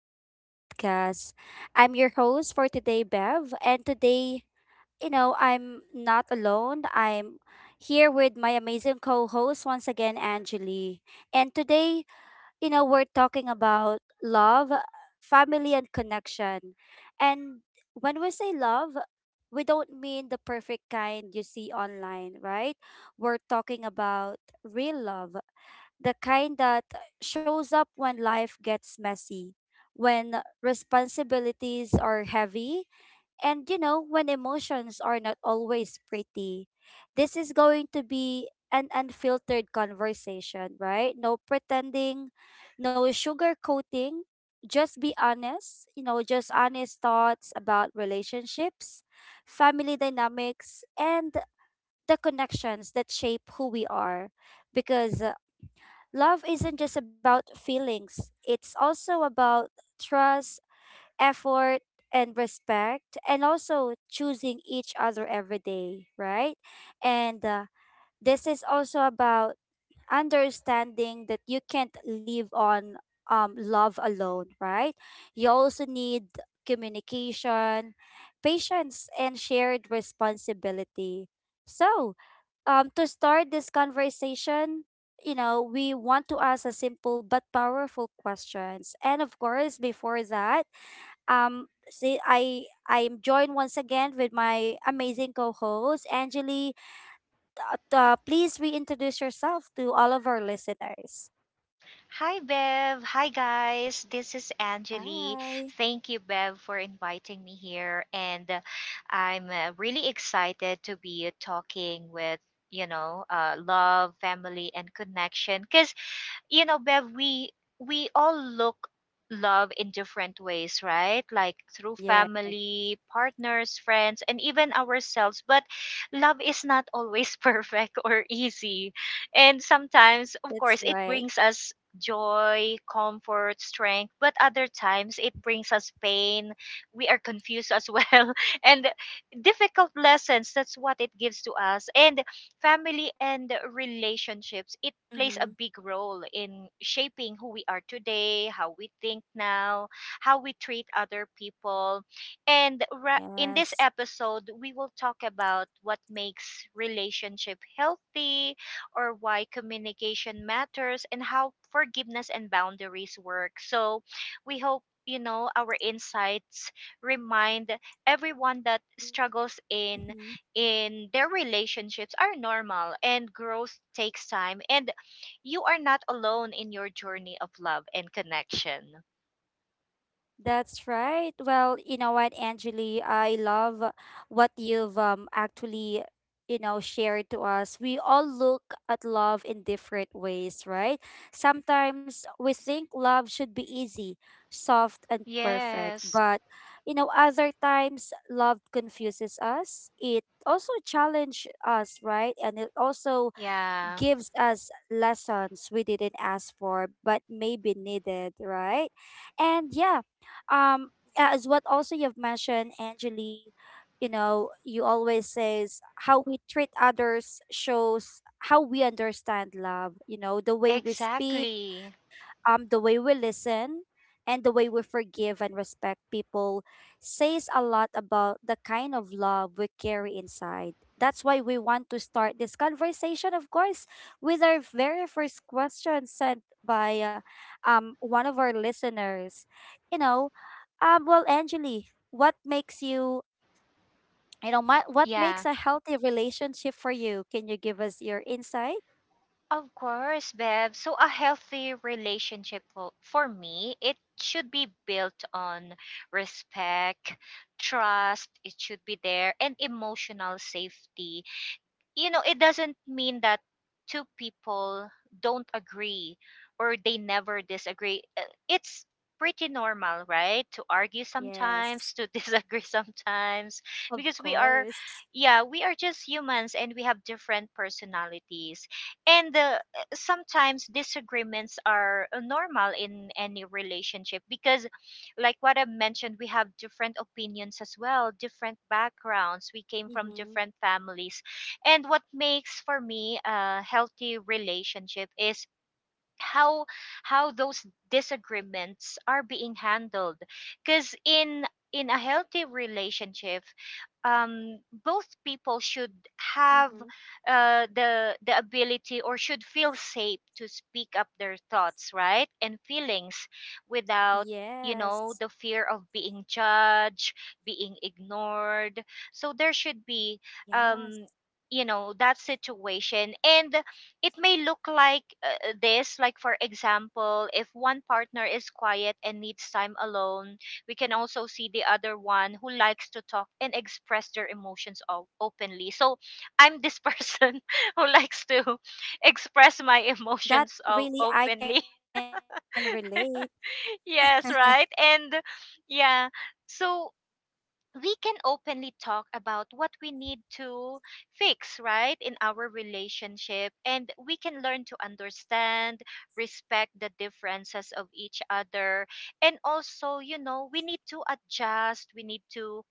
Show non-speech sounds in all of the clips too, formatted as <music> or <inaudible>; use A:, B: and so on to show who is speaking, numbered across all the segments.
A: to the podcast. I'm your host for today, Bev. And today, I'm not alone. I'm here with my amazing co host once again, Angeli. And today, we're talking about love, family, and connection. And when we say love, we don't mean the perfect kind you see online, right? We're talking about real love, the kind that shows up when life gets messy, when responsibilities are heavy, and when emotions are not always pretty. This is going to be an unfiltered conversation, right? No pretending, no sugarcoating. Just be honest, just honest thoughts about relationships, family dynamics, and the connections that shape who we are, because love isn't just about feelings, it's also about trust, effort, and respect, and also choosing each other every day, right? And this is also about understanding that you can't live on love alone, right? You also need communication, patience, and shared responsibility. So, to start this conversation, we want to ask a simple but powerful questions. And of course, before that, see, I'm joined once again with my amazing co-host, Angeli. Please reintroduce yourself to all of our listeners.
B: Hi, Bev. Hi, guys. This is Angeli.
A: Hi.
B: Thank you, Bev, for inviting me here. And I'm really excited to be talking with, you know, love, family, and connection. Because you know, Bev, we all look love in different ways, right? Like through
A: Yeah,
B: family, partners, friends, and even ourselves. But love is not always <laughs> perfect or easy. And sometimes, of
A: that's
B: course, it
A: right.
B: brings us joy, comfort, strength, but other times it brings us pain. We are confused as well <laughs> and difficult lessons. That's what it gives to us. And family and relationships, it plays a
A: Mm-hmm.
B: big role in shaping who we are today, how we think now, how we treat other people. In this
A: Yes.
B: episode, we will talk about what makes relationship healthy or why communication matters and how forgiveness and boundaries work. So, we hope you know our insights remind everyone that
A: Mm-hmm.
B: struggles in their relationships are normal and growth takes time and you are not alone in your journey of love and connection.
A: That's right. Well, you know what, Angeli, I love what you've actually shared to us. We all look at love in different ways, right? Sometimes we think love should be easy, soft, and perfect.
B: Yes.
A: But, other times love confuses us. It also challenges us, right? And it also
B: Yeah.
A: gives us lessons we didn't ask for, but maybe needed, right? And yeah, um as what also you've mentioned, Angeli, you always says how we treat others shows how we understand love. The way we speak,
B: Exactly.
A: the way we listen, and the way we forgive and respect people says a lot about the kind of love we carry inside. That's why we want to start this conversation, of course, with our very first question sent by one of our listeners. You know, well, Angeli, what makes you, what makes
B: Yeah.
A: a healthy relationship for you? Can you give us your insight?
B: Of course, Bev. So a healthy relationship for me, it should be built on respect, trust, it should be there and emotional safety, you know, it doesn't mean that two people don't agree or they never disagree. It's pretty normal, right? To argue sometimes,
A: Yes,
B: to <laughs> disagree sometimes,
A: of
B: because we are,
A: course.
B: yeah, we are just humans and we have different personalities. And Sometimes disagreements are normal in any relationship because, like what I mentioned, we have different opinions as well, different backgrounds, we came from
A: Mm-hmm.
B: different families. And what makes for me a healthy relationship is how how those disagreements are being handled, because in a healthy relationship, um, both people should
A: Mm-hmm.
B: have, uh, the ability or should feel safe to speak up their thoughts, right, and feelings,
A: Yes,
B: without, you know, the fear of being judged, being ignored. So there should be,
A: yes,
B: um, you know, that situation. And it may look like, this, like for example, if one partner is quiet and needs time alone, we can also see the other one who likes to talk and express their emotions openly. So I'm this person
A: yes.
B: <laughs> who
A: That
B: likes to
A: that's
B: <laughs>
A: um
B: express my
A: that
B: emotions
A: really I can
B: openly.
A: relate.
B: <laughs> Yes, right? And yeah. So we can openly talk about what we need to fix, right, in our relationship. And we can learn to understand, respect the differences of each other. And also, you know, we need to adjust, we need to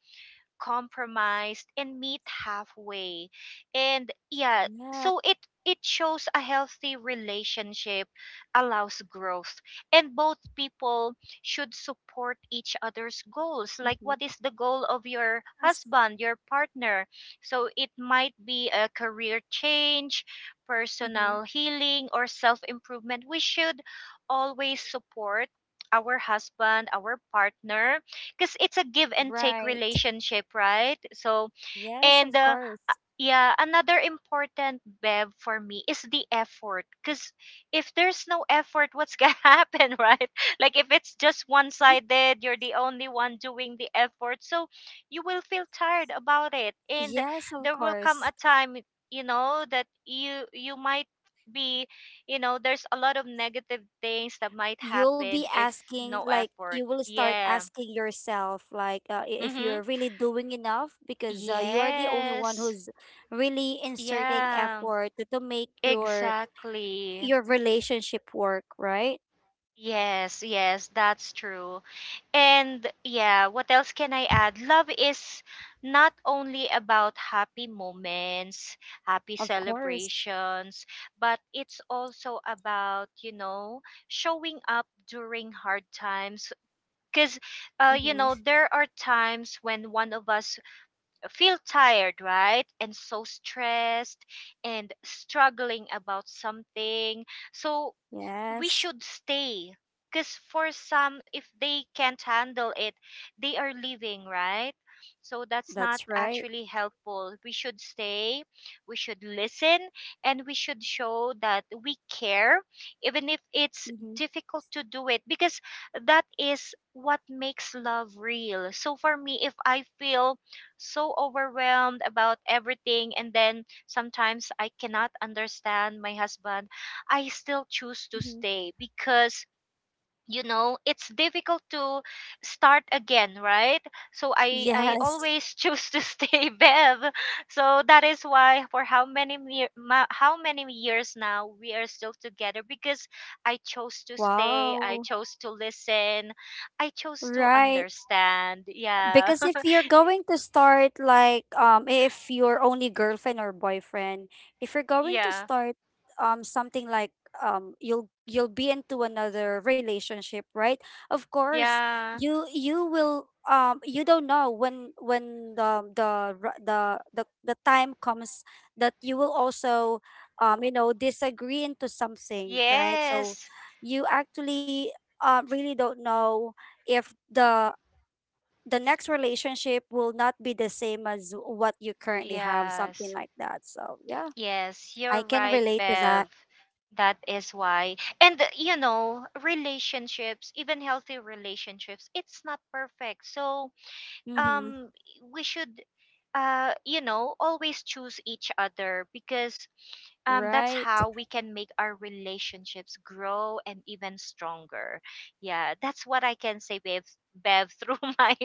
B: compromised and meet halfway, and yeah,
A: Yeah.
B: so it shows a healthy relationship allows growth and both people should support each other's goals, like
A: Mm-hmm.
B: what is the goal of your
A: Yes.
B: husband, your partner. So it might be a career change,
A: Mm-hmm.
B: personal healing, or self improvement. We should always support our husband, our partner, because it's a give and take
A: Right.
B: relationship, right?
A: Yes, of
B: And uh,
A: course.
B: yeah, another important, bev, for me is the effort. Because if there's no effort, what's gonna <laughs> happen, right? Like if it's just one sided, you're the only one doing the effort, so you will feel tired about it, and
A: Yes, of
B: there will come
A: course.
B: a time, you know, that you might be, you know, there's a lot of negative things that might
A: You'll be
B: happen if
A: asking
B: no
A: like
B: effort,
A: you will start
B: yeah.
A: asking yourself, like I- if
B: Mm-hmm.
A: you're really doing enough, because you are the only one
B: Yes.
A: who's really inserting
B: Yeah,
A: effort to make your
B: exactly.
A: your relationship work, right?
B: Yes, yes, that's true. And yeah, what else can I add? Love is not only about happy moments, happy
A: Of course.
B: celebrations, but it's also about, you know, showing up during hard times. Because, you
A: Mm-hmm.
B: know, there are times when one of us feel tired, right? And so stressed and struggling about something. So we
A: Yes,
B: should stay, because for some, if they can't handle it, they are leaving, right? So that's not
A: that's right.
B: actually helpful. We should stay, we should listen, and we should show that we care, even if it's
A: Mm-hmm.
B: difficult to do it, because that is what makes love real. So for me, if I feel so overwhelmed about everything and then sometimes I cannot understand my husband, I still choose to
A: Mm-hmm.
B: stay, because, you know, it's difficult to start again, right? So I
A: Yes.
B: always choose to <laughs> stay, Bev. So that is why for how many years now we are still together, because I chose to stay, I
A: Wow.
B: chose to listen, I chose to
A: Right.
B: understand, yeah.
A: Because if you're
B: <laughs>
A: going to start like, if your only girlfriend or boyfriend, if you're going to
B: Yeah.
A: start something like, you'll be into another relationship, right? Of course,
B: Yeah.
A: you will. You don't know when the r- the time comes that you will also disagree into something, right? So
B: Yes.
A: you actually, really don't know if the next relationship will not be the same as what you currently have, something
B: Yes.
A: like that. So, yeah,
B: Yes, you're
A: I can
B: right,
A: relate to
B: Bev.
A: that.
B: That is why. And You know, relationships, even healthy relationships, it's not perfect. So,
A: Mm-hmm.
B: um, we should, uh, you know, always choose each other, because um, that's
A: Right.
B: how we can make our relationships grow and even stronger. Yeah, that's what I can say, Bev, <laughs> through my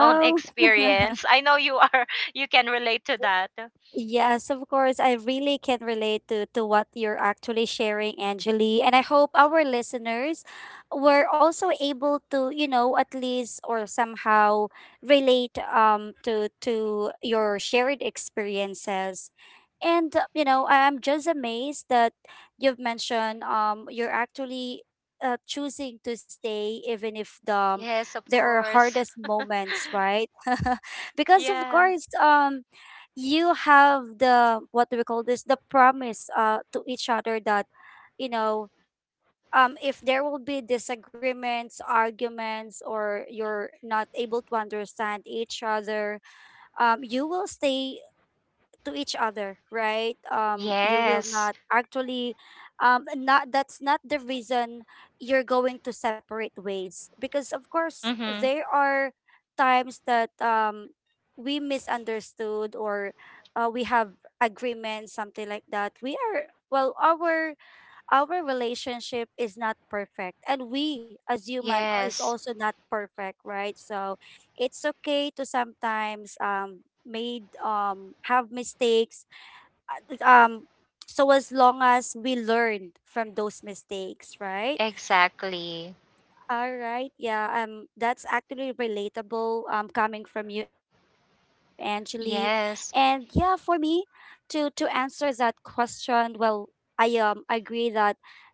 B: own
A: <laughs>
B: experience. I know you are you can relate to that.
A: Yes, of course. I really can relate to what you're actually sharing, Angeli. And I hope our listeners were also able to, at least or somehow relate to your shared experiences. And I'm just amazed that you've mentioned you're actually choosing to stay even if
B: Yes, of
A: there are
B: course.
A: hardest moments, right? <laughs> Because of
B: Yeah.
A: course, you have, the what do we call this, the promise to each other that, you know if there will be disagreements, arguments, or you're not able to understand each other, you will stay to each other, right? You will
B: Yes.
A: not actually, not that's not the reason you're going to separate ways, because of course
B: Mhm.
A: there are times that we misunderstood, or we have agreements, something like that. We are, well, our relationship is not perfect, and we as human is
B: Yes,
A: also not perfect, right? So it's okay to sometimes made have mistakes um so as long as we learn from those mistakes, right?
B: exactly.
A: All right, yeah, that's actually relatable, coming from you, Angeli. And yeah, for
B: Yes.
A: me, to answer that question, well, I agree that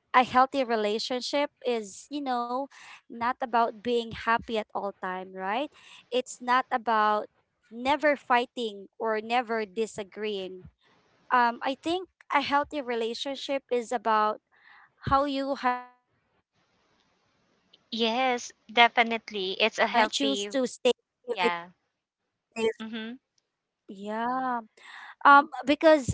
A: a healthy relationship is, not about being happy at all time, right? It's not about never fighting or never disagreeing. I think a healthy relationship is about how you handle love when it's not easy
B: Yes,
A: anymore, right?
B: definitely.
A: You
B: It's a
A: choose to
B: healthy,
A: stay if it is,
B: yeah. Mhm.
A: yeah. Because, you know,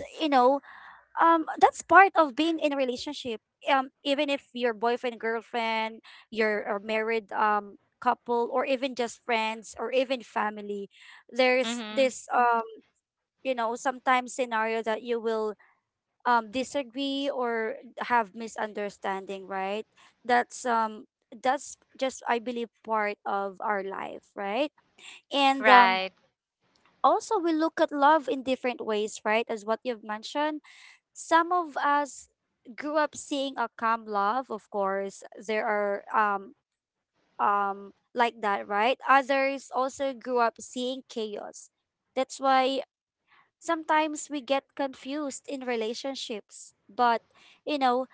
A: um that's part of being in a relationship. Um even if your boyfriend, girlfriend, your or married couple, or even just friends or even family, there's
B: Mhm.
A: this sometimes scenario that you will, disagree or have misunderstanding, right? That's um that's just I believe part of our life, right? And
B: Right.
A: also we look at love in different ways, right? As what you've mentioned, some of us grew up seeing a calm love, of course. There are like that, right? Others also grew up seeing chaos. That's why sometimes we get confused in relationships. But you know,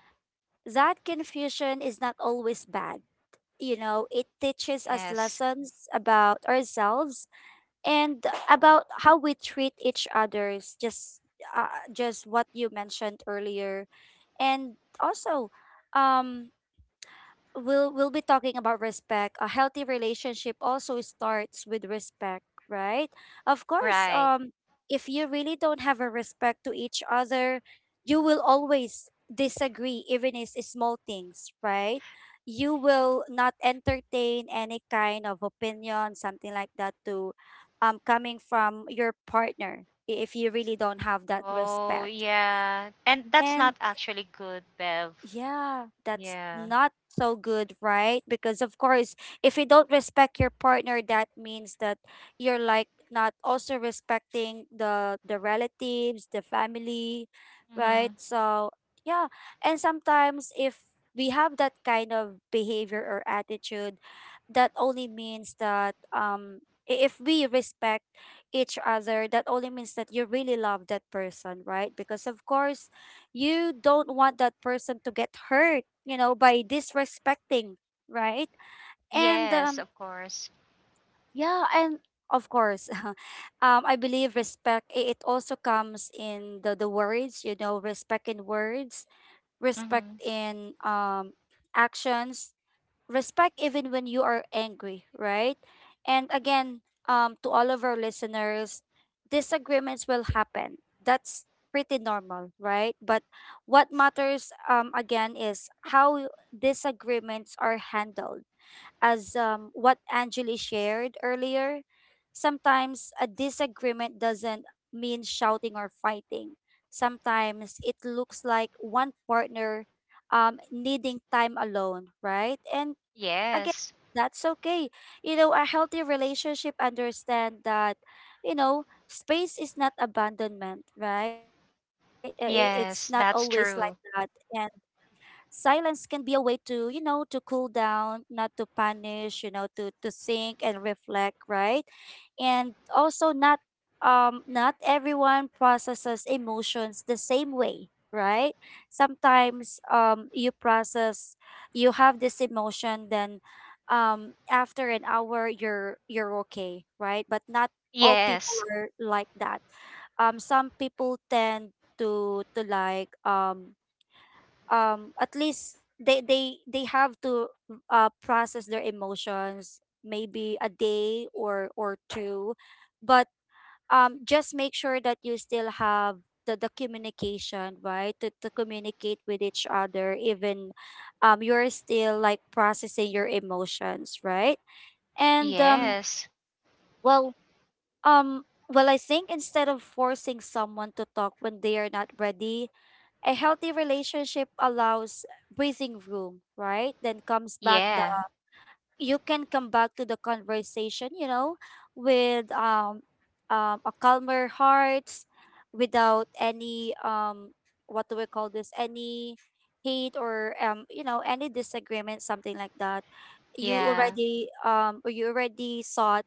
A: that confusion is not always bad. It teaches us
B: Yes.
A: lessons about ourselves and about how we treat each others. Uh, just what you mentioned earlier, and also, um, we'll be talking about respect. A healthy relationship also starts with respect, right? Of course,
B: Right.
A: if you really don't have a respect to each other, you will always disagree even is small things, right? You will not entertain any kind of opinion, something like that, to coming from your partner, if you really don't have that
B: Oh,
A: respect.
B: yeah. And that's not
A: And
B: actually good, Bev.
A: yeah, that's
B: Yeah.
A: not so good, right? Because of course, if you don't respect your partner, that means that you're like not also respecting the relatives, the family, right?
B: Mhm.
A: So, yeah. And sometimes if we have that kind of behavior or attitude, that only means that if we respect each other, that only means that you really love that person, right? Because of course, you don't want that person to get hurt, by disrespecting, right? And
B: Yes, of course.
A: yeah, and of course, <laughs> I believe respect, it also comes in the words, respect in words, respect
B: Mhm.
A: in actions, respect even when you are angry, right? And again, to all of our listeners, disagreements will happen. That's pretty normal, right? But what matters, again, is how disagreements are handled. As, what Angeli shared earlier, sometimes a disagreement doesn't mean shouting or fighting. Sometimes it looks like one partner, needing time alone, right? And again,
B: Yes.
A: that's okay. A healthy relationship understand that, space is not abandonment, right? It's not always like
B: Yes,
A: that.
B: that's true.
A: And silence can be a way to, to cool down, not to punish, to think and reflect, right? And also, not everyone processes emotions the same way, right? Sometimes you have this emotion, then after an hour you're okay, right? But not all people
B: Yes.
A: are like that. Some people tend to like, at least, they have to process their emotions, maybe a day or two. But just make sure that you still have the communication, right, to, communicate with each other, even you're still like processing your emotions, right? And,
B: Yes.
A: well well, I think instead of forcing someone to talk when they are not ready, a healthy relationship allows breathing room, right? Then comes back the
B: Yeah.
A: You can come back to the conversation, with a calmer heart, without any, what do we call this? Any hate or any disagreement, something like that. You
B: Yeah.
A: already um or you already sought,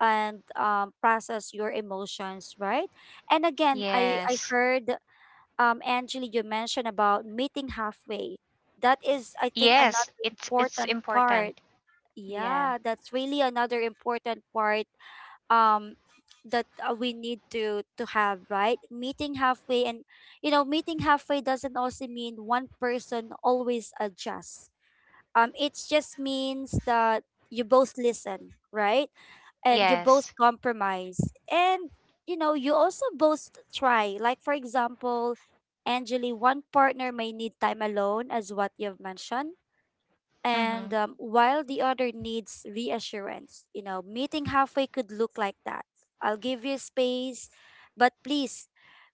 A: and process your emotions, right? And again, I
B: Yes.
A: heard, Angeli, you mentioned about meeting halfway. That is, I think,
B: Yes,
A: another
B: it's
A: important
B: important.
A: part.
B: Yeah.
A: Yeah, that's really another important part um that we need to have, right? Meeting halfway, and meeting halfway doesn't also mean one person always adjusts. Um, It just means that you both listen, right? And you both
B: Yes.
A: compromise. And, you also both try. Like, for example, Angeli, one partner may need time alone, as what you've mentioned. And
B: Mhm.
A: while the other needs reassurance, meeting halfway could look like that. I'll give you space, but please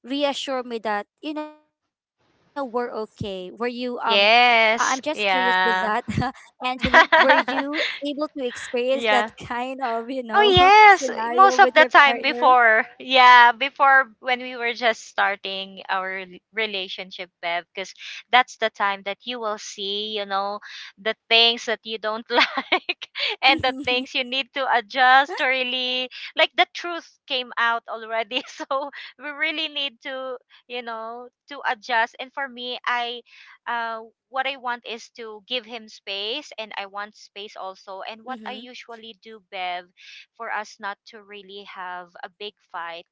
A: reassure me that, we're okay. Were you I'm just curious with
B: Yes.
A: that, <laughs>
B: Yeah.
A: Angeli. Were
B: <laughs>
A: you able to experience that
B: Yeah.
A: kind of, you know,
B: Oh
A: <laughs>
B: yes,
A: scenario
B: most
A: with
B: of
A: your
B: the time
A: partner?
B: before, yeah, before when we were just starting our relationship, Bev, because that's the time that you will see, you know, the things that you don't <laughs> like
A: <laughs>
B: and the
A: Mm-hmm.
B: things you need to adjust or really, like, the truth came out already. <laughs> So we really need to, you know, to adjust. And for me, I, uh, what I want is to give him space and I want space also. And what I usually do, Bev, for us not to really have a big fight,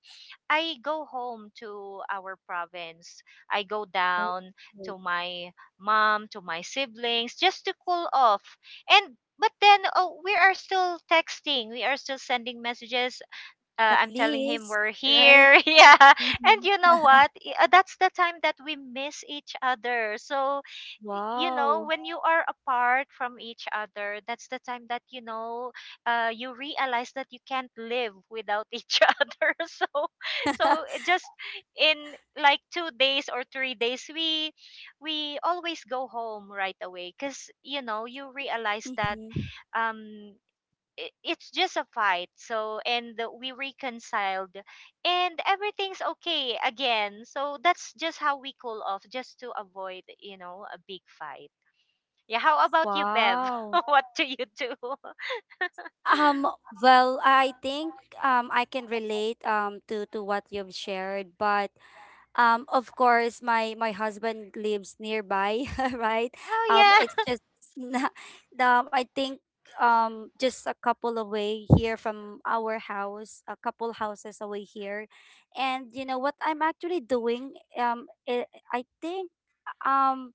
B: I go home to our province. I go
A: Oh,
B: down to my mom, to my siblings, just to cool off. And but then, oh, we are still texting, we are still sending messages,
A: at
B: I'm telling him
A: least,
B: we're
A: right?
B: here. <laughs> Yeah. And you
A: Mm-hmm. <laughs>
B: know what? That's the time that we miss each other. So, you know,
A: Wow. <laughs>
B: when you are apart from each other, that's the time that, you know, you realize that you can't live without <laughs> each other. So, so it just in like 2 days or 3 days, we always go home right away because, you know, you realize that
A: Mhm.
B: um, I- it's just a fight, so, and we reconciled, and everything's okay again. So that's just how we cool off, just to avoid, you know, a big fight. Yeah, how about you, Bev?
A: Wow.
B: <laughs> What do you do? <laughs>
A: Um, well, I think I can relate to what you've shared. But of course, my husband lives nearby, <laughs> right?
B: Oh
A: It's
B: yeah.
A: just <laughs> not, I think just a couple away here from our house, a couple houses away here, and you know what I'm actually doing? I think um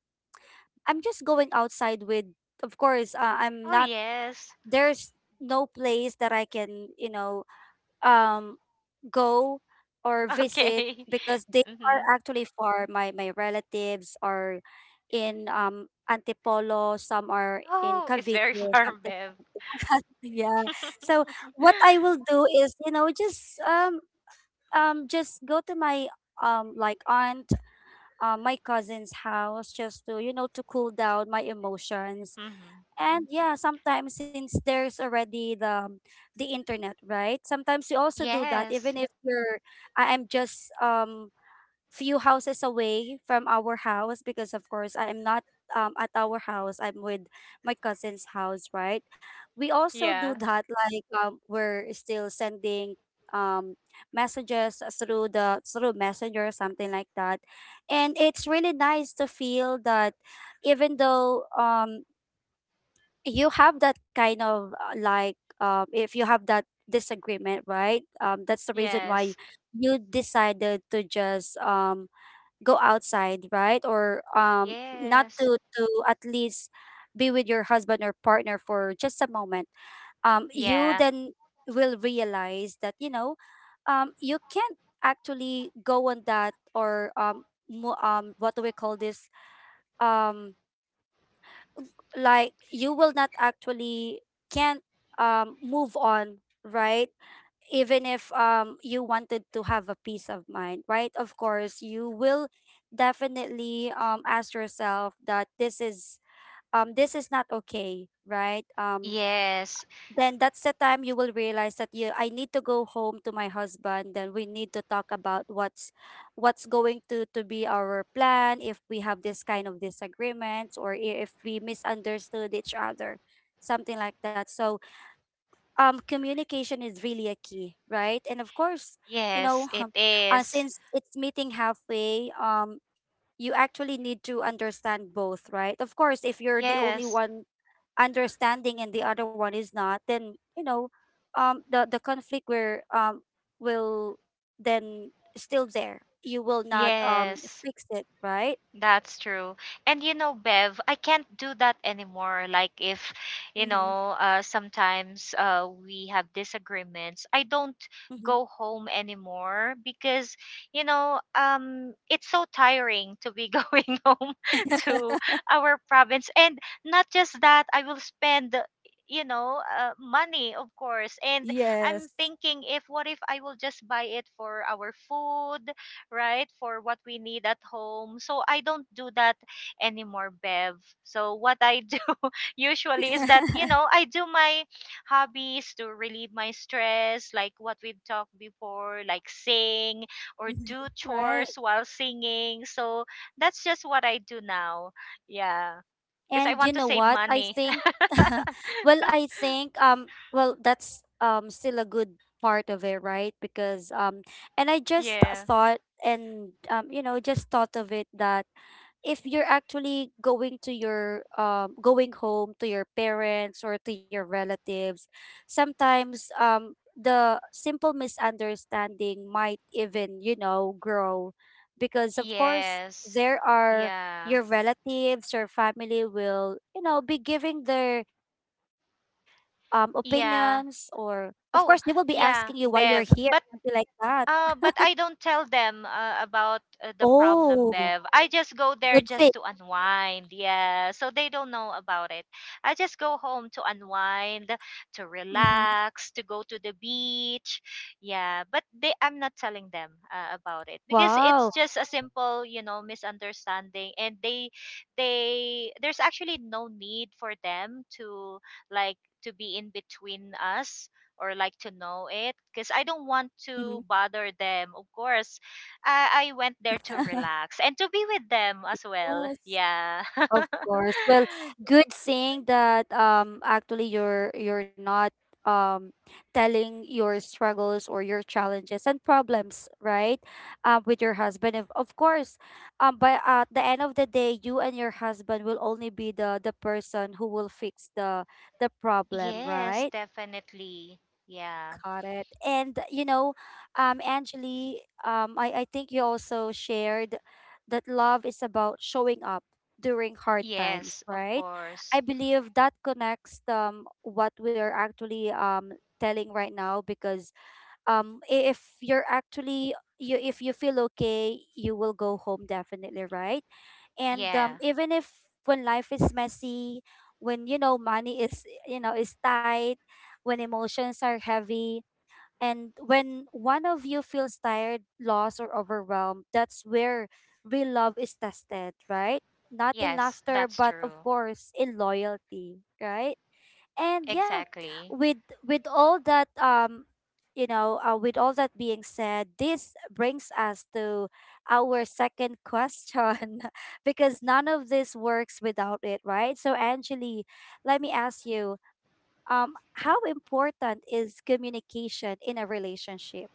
A: I'm just going outside with. Of course, I'm
B: Oh
A: not.
B: yes.
A: There's no place that I can, you know, um go or visit
B: Okay.
A: because
B: <laughs>
A: they are
B: Hmm.
A: actually far. My relatives are in Antipolo, some are in
B: Oh, it's
A: Cavite,
B: very far,
A: something
B: Bev.
A: like that. <laughs> Yeah.
B: <laughs>
A: So what I will do is, you know, just go to my like aunt, my cousin's house just to, you know, to cool down my emotions.
B: Hmm.
A: And yeah, sometimes since there's already the internet, right? Sometimes you also do that, even
B: Yes.
A: if you're I am just few houses away from our house, because of course I am not at our house. I'm with my cousin's house, right? We also do
B: Yeah.
A: that, like we're still sending um messages through the through messenger, something like that. And it's really nice to feel that, even though you have that kind of like if you have that disagreement, right? That's the reason why
B: Yes.
A: you decided to just go outside, right? Or not
B: Yes.
A: to at least be with your husband or partner for just a moment. You
B: Yeah.
A: then will realize that, you know, you can't actually go on that. Or what do we call this, um, like you will not actually can't move on, right? Even if you wanted to have a peace of mind, right? Of course you will definitely ask yourself that this is not okay, right?
B: Yes.
A: Then that's the time you will realize that you I need to go home to my husband. Then we need to talk about what's going to be our plan, if we have this kind of disagreements, or if we misunderstood each other, something like that. So communication is really a key, right? And of course, you know,
B: Yes, it
A: <laughs>
B: is.
A: since it's meeting halfway, you actually need to understand both, right? Of course, if you're the only
B: Yes.
A: one understanding and the other one is not, then, you know, the conflict where will then still there. You will not
B: Yes.
A: fix it, right?
B: That's true. And you know, Bev, I can't do that anymore. Like if, you
A: Mm-hmm.
B: know, sometimes we have disagreements, I don't
A: Mm-hmm.
B: go home anymore because, you know, it's so tiring to be <laughs> going home to our province. And not just that, I will spend, you know, money, of course, and I'm
A: Yes.
B: thinking, if what if I will just buy it for our food, right, for what we need at home. So I don't do that anymore, Bev. So what I do <laughs> usually is that, you
A: <laughs>
B: know, I do my hobbies to relieve my stress, like what we've talked before, like sing or
A: Mhm.
B: do
A: Right.
B: chores while singing. So that's just what I do now, yeah, because I
A: And you
B: want to
A: know
B: save
A: what? I
B: money.
A: think, <laughs> well, I think, well, that's still a good part of it, right? Because And I
B: <laughs>
A: just
B: Yeah.
A: thought, and you know, just thought of it that if you're actually going to your going home to your parents or to your relatives, sometimes the simple misunderstanding might even, you know, grow. Because of course,
B: Yes.
A: there are
B: Yeah.
A: your relatives or family will, you know, be giving their opinions, or
B: Yeah.
A: of course they will be
B: Oh
A: asking you why
B: yeah,
A: you're here,
B: Bev,
A: something
B: but,
A: like that.
B: But I don't tell them about, the problem,
A: Oh,
B: Bev. I just go there
A: good thing.
B: just to unwind. Yeah. So they don't know about it. I just go home to unwind, to
A: Mm-hmm.
B: relax, to go to the beach. Yeah. But they, I'm not telling them about it because it's
A: Wow.
B: just a simple, you know, misunderstanding. And they, there's actually no need for them to, like, to be in between us or like to know it because
A: Mm-hmm.
B: I don't want to bother them. Of course, I went there
A: <laughs>
B: to relax and to be with them as well.
A: Yes,
B: Yeah.
A: of course. Well,
B: <laughs>
A: good saying that actually you're not um telling your struggles or your challenges and problems, right? With your husband. Of course, but at the end of the day, you and your husband will only be the person who will fix the problem,
B: Yes,
A: right?
B: definitely. Yeah.
A: Got it. And you know, Angeli, I think you also shared that love is about showing up during hard times,
B: Yes, of
A: right?
B: course.
A: I believe that connects what we are actually telling right now. Because if you're actually you, if you feel okay, you will go home definitely, right? And
B: Yeah.
A: even if when life is messy, when, you know, money is, you know, is tight, when emotions are heavy, and when one of you feels tired, lost, or overwhelmed, that's where real love is tested, right? Not in
B: Yes,
A: laughter,
B: that's
A: but of
B: true.
A: course in loyalty, right? And yeah,
B: Exactly.
A: with all that you know, with all that being said, this brings us to our second question <laughs> because none of this works without it, right? So, Angeli, let me ask you, how important is communication in a relationship?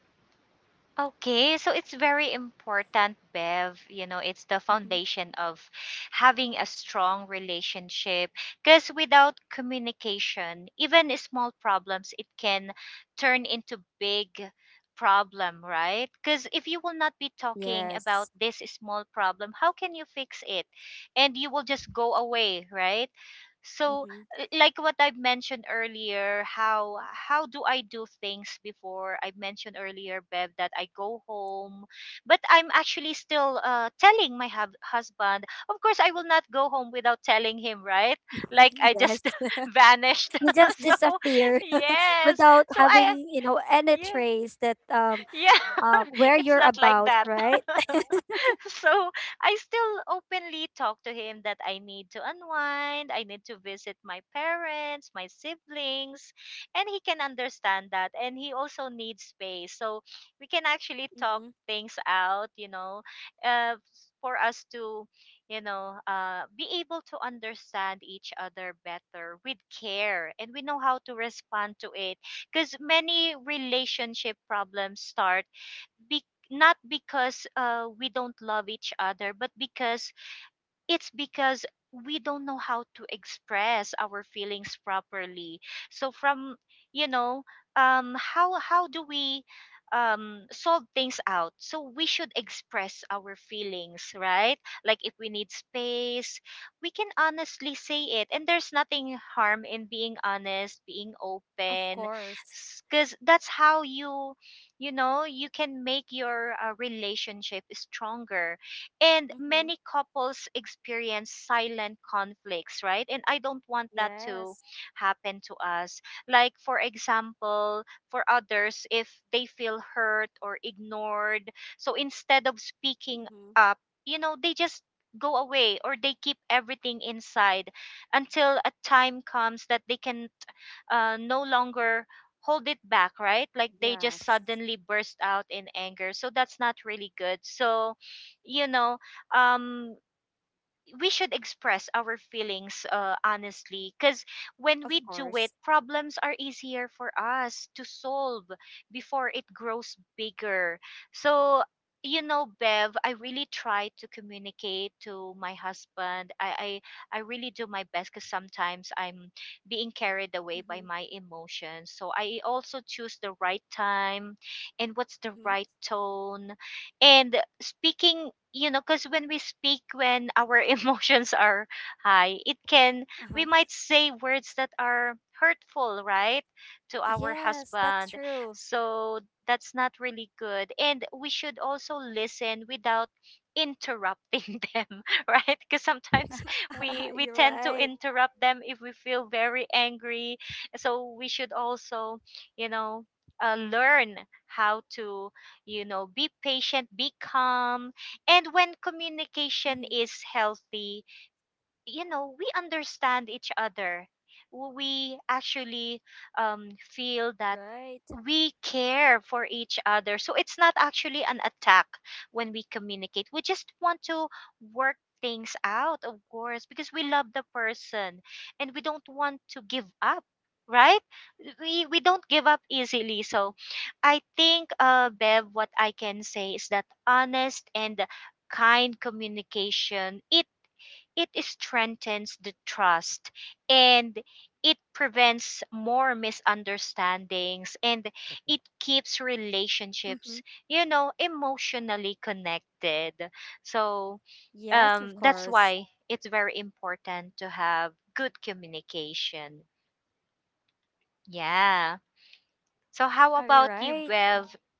B: Okay, so it's very important, Bev. You know, it's the
A: Mm-hmm.
B: foundation of having a strong relationship. Because without communication, even small problems, it can turn into big problem, right? Because if you will not be talking about
A: Yes.
B: this small problem, how can you fix it? And you will just go away, right? So
A: Mm-hmm.
B: like what I've mentioned earlier, how do I do things before? I mentioned earlier, Bev, that I go home, but I'm actually still telling my hub husband. Of course, I will not go home without telling him, right? Like
A: <laughs>
B: I just
A: Yes.
B: <laughs> vanished.
A: <laughs> You just
B: <laughs> So
A: disappear <laughs>
B: yes,
A: without
B: so I
A: having, you know, any
B: yeah.
A: trace that
B: Yeah, <laughs>
A: where
B: it's
A: you're
B: not like
A: about,
B: that.
A: right?
B: <laughs> <laughs> So I still openly talk to him that I need to unwind, I need to visit my parents, my siblings, and he can understand that. And he also needs space. So we can actually talk
A: Mm-hmm.
B: things out, uh, for us to, be able to understand each other better with care. And we know how to respond to it. Because many relationship problems start not because we don't love each other, but because we don't know how to express our feelings properly. So from you know how do we solve things out? So we should express our feelings, right? Like if we need space, we can honestly say it, and there's nothing harm in being honest, being
A: Of
B: open,
A: course.
B: because that's how you, you know, you can make your relationship stronger. And
A: Mm-hmm.
B: many couples experience silent conflicts, right? And I don't want that to
A: Yes.
B: happen to us. Like for example, for others, if they feel hurt or ignored, so instead of speaking
A: Mm-hmm.
B: up, you know, they just go away, or they keep everything inside until a time comes that they can no longer hold it back, right? Like they just
A: Yes.
B: suddenly burst out in anger. So that's not really good. So you know um we should express our feelings honestly, because when we
A: Of
B: do it,
A: course.
B: problems are easier for us to solve before it grows bigger. So, you know, Bev, I really try to communicate to my husband. I really do my best, because sometimes I'm being carried away by
A: Mm-hmm.
B: my emotions, so I also choose the right time and what's the
A: Mm-hmm.
B: right tone and speaking, you know, because when we speak, when our <laughs> emotions are high, it can,
A: Uh-huh.
B: we might say words that are hurtful, right, to our
A: Yes, that's
B: husband.
A: true.
B: So that's not really good. And we should also listen without interrupting <laughs> them, right? Because
A: <laughs>
B: sometimes
A: You're right.
B: we tend to interrupt them if we feel very angry. So we should also, you know, learn how to, you know, be patient, be calm. And when
A: Mm-hmm.
B: communication is healthy, you know, we understand each other. We actually feel
A: Right.
B: that we care for each other. So it's not actually an attack when we communicate. We just want to work things out, of course, because we love the person and we don't want to give up, right? We don't give up easily. So I think, Bev, what I can say is that honest and kind communication, it strengthens the trust, and it prevents more misunderstandings, and it keeps
A: Mm-hmm.
B: relationships, you know, emotionally connected. So
A: Yes, of course.
B: that's why it's very important to have good communication. Yeah. So
A: All
B: how about
A: right.
B: you,
A: Well,
B: Bev?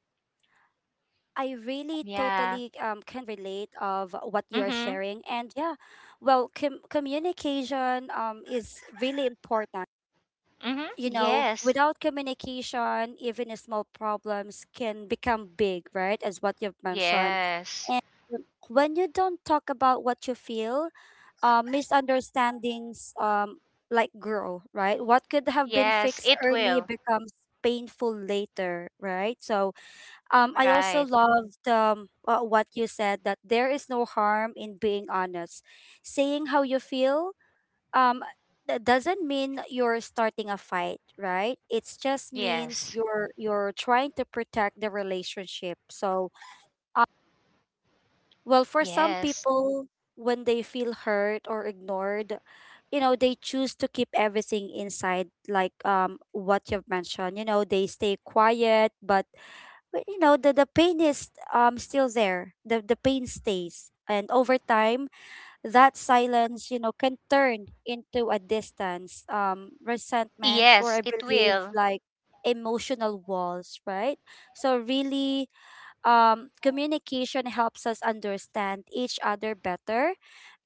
A: I really totally can relate
B: Yeah.
A: of what you are sharing. And
B: Mhm.
A: yeah, well, communication is really important.
B: Mhm.
A: You know,
B: Yes.
A: without communication, even a small problems can become big, right? As what you've mentioned.
B: Yes.
A: And when you don't talk about what you feel, misunderstandings like grow, right? What could have been
B: Yes,
A: fixed
B: it
A: early
B: will.
A: becomes painful later, right? So I
B: Right.
A: also loved what you said, that there is no harm in being honest. Saying how you feel, um, that doesn't mean you're starting a fight, right? It's just means
B: yes
A: you're trying to protect the relationship. So well, for some
B: Yes.
A: people, when they feel hurt or ignored, you know, they choose to keep everything inside, like what you've mentioned. You know, they stay quiet, but, you know, the pain is still there. The pain stays. And over time, that silence, you know, can turn into a distance, resentment, or
B: Yes,
A: I
B: it
A: believe
B: will.
A: like emotional walls, right? So really communication helps us understand each other better.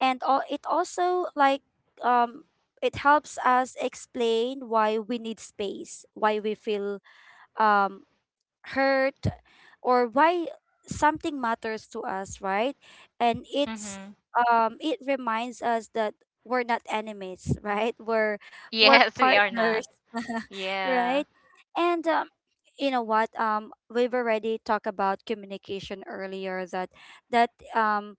A: And all, it also like um, it helps us explain why we need space, why we feel um, hurt, or why something matters to us, right? And it's
B: Mhm. <laughs>
A: it reminds us that we're not enemies, <laughs> right? We're
B: Yes, we are not.
A: partners, <laughs>
B: Yeah.
A: right? And you know what? We've already talked about communication earlier. That that um,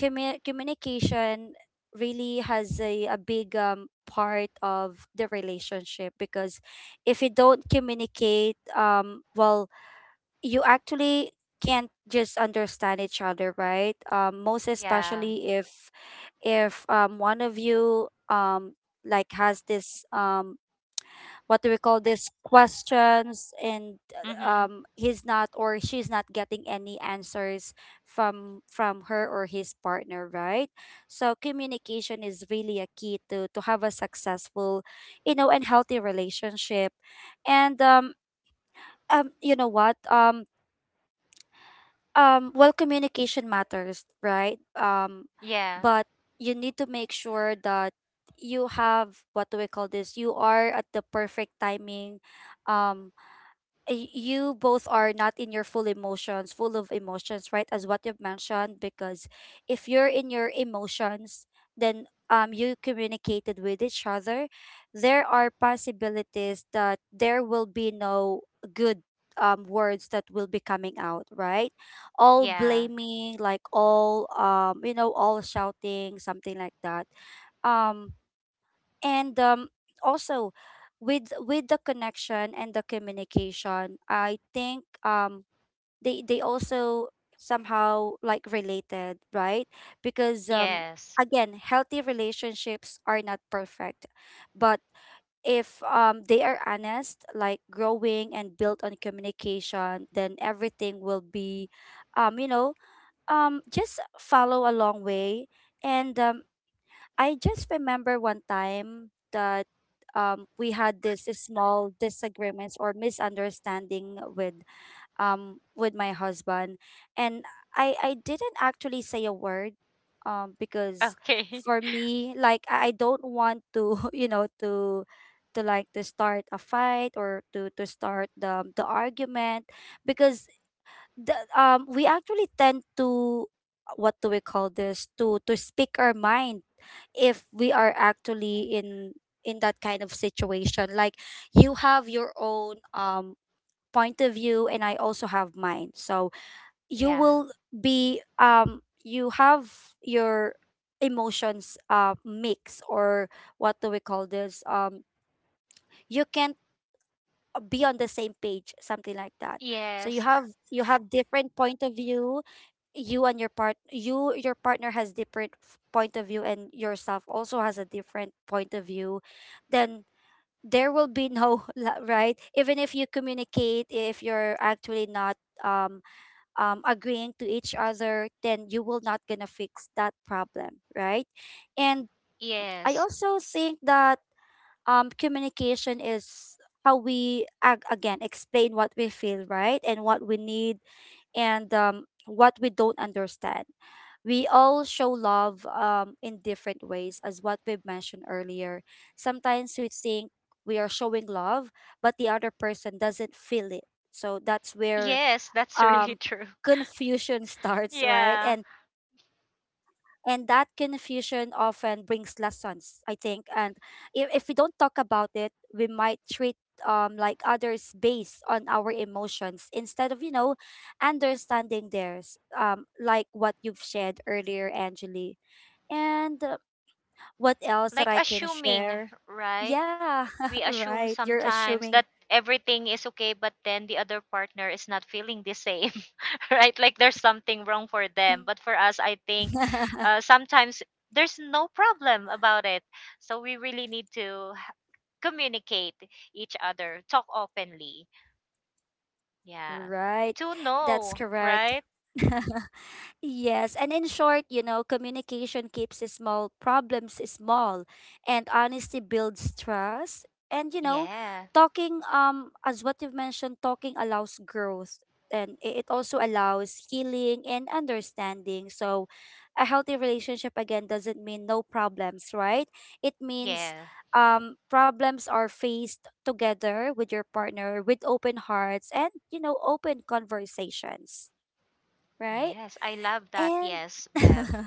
A: communication really has a big part of the relationship, because if you don't communicate well, you actually can't just understand each other, right? Most
B: Yeah.
A: especially if one of you like has this what do we call this questions, and
B: Mhm.
A: he's not or she's not getting any answers from her or his partner, right? So communication is really a key to have a successful, you know, and healthy relationship. And you know what, well communication matters, right?
B: Yeah.
A: But you need to make sure that you have what do we call this, you are at the perfect timing, um you both are not in your full emotions, full of emotions, right? As what you've mentioned, because if you're in your emotions, then you communicated with each other, there are possibilities that there will be no good words that will be coming out, right? All
B: Yeah.
A: blaming, like all you know, all shouting, something like that. um and also, with the connection and the communication, I think they also somehow like related, right? Because
B: Yes.
A: again, healthy relationships are not perfect, but if they are honest, like growing and built on communication, then everything will be you know just follow a long way. And I just remember one time that we had this small disagreements or misunderstanding with my husband, and I didn't actually say a word, because
B: Okay.
A: for me, like I don't want to <laughs> you know to like to start a fight or to start the argument, because the we actually tend to what do we call this, to speak our mind if we are actually in that kind of situation. Like you have your own point of view, and I also have mine, so
B: <laughs>
A: you
B: Yeah.
A: will be you have your emotions mix, or what do we call this, you can't be on the same page, something like that. So
B: Yes.
A: you have different point of view, you and your part, you your partner has different point of view, and yourself also has a different point of view. Then there will be no <laughs> right, even if you communicate, if you're actually not um agreeing to each other, then you will not gonna fix that problem, right? And I
B: Yes.
A: also think that communication is how we again explain what we feel, right, and what we need, and what we don't understand. We all show love in different ways, as what we mentioned earlier. Sometimes we think we are showing love, but the other person doesn't feel it. So that's where
B: Yes, that's really
A: um
B: true. <laughs>
A: confusion <laughs> starts, right?
B: Yeah.
A: And that confusion often brings lessons, I think. And if we don't talk about it, we might treat like others based on our emotions instead of, you know, understanding theirs. Um, like what you've shared earlier, Angeli. And what else that
B: Like
A: I can
B: assuming,
A: share?
B: right?
A: Yeah, <laughs>
B: We
A: right.
B: assume
A: You're
B: sometimes
A: assuming.
B: that everything is okay, but then the other partner is not feeling the same, <laughs> right? Like there's something wrong for them, but for
A: <laughs>
B: us, I think, sometimes there's no problem about it. So we really need to communicate each other, talk openly. Yeah.
A: Right.
B: To
A: That's
B: know,
A: correct.
B: right?
A: <laughs> Yes, and in short, you know, communication keeps the small problems small, and honesty builds trust. And you know,
B: Yeah.
A: talking as what you've mentioned, talking allows growth, and it also allows healing and understanding. So, a healthy relationship again doesn't mean no problems, right? It means
B: Yeah.
A: problems are faced together with your partner with open hearts and you know open conversations, right?
B: Yes, I love that.
A: And
B: Yes,
A: <laughs>
B: Bev.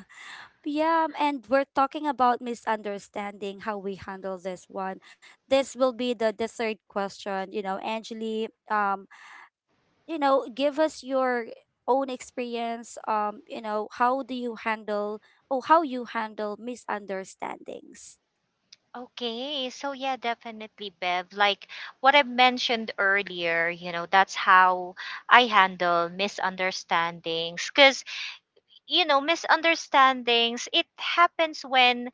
A: yeah, and we're talking about misunderstanding, how we handle this one. This will be the third question, you know, Angeli. You know, give us your own experience, you know, how do you handle or how you handle misunderstandings.
B: Okay, so yeah, definitely, Bev. Like what I mentioned earlier, you know, that's how I handle misunderstandings. Because, you know, misunderstandings, it happens when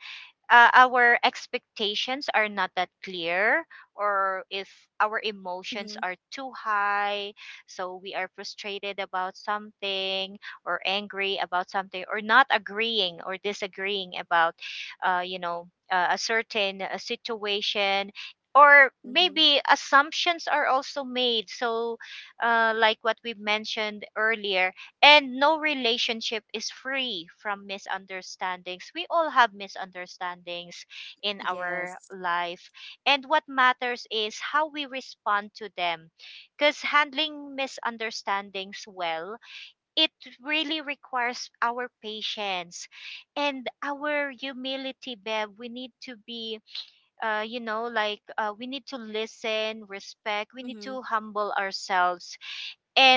B: our expectations are not that clear, or if our emotions
A: Mm-hmm.
B: are too high, so we are frustrated about something or angry about something, or not agreeing or disagreeing about a certain situation, or
A: Mm-hmm.
B: maybe assumptions are also made. So like what we mentioned earlier. And no relationship is free from misunderstandings. We all have misunderstandings in
A: Yes.
B: our life. And what matters is how we respond to them. Because handling misunderstandings well, it really requires our patience and our humility, Bev. We need to be, we need to listen, respect, we need
A: Mm-hmm.
B: to humble ourselves.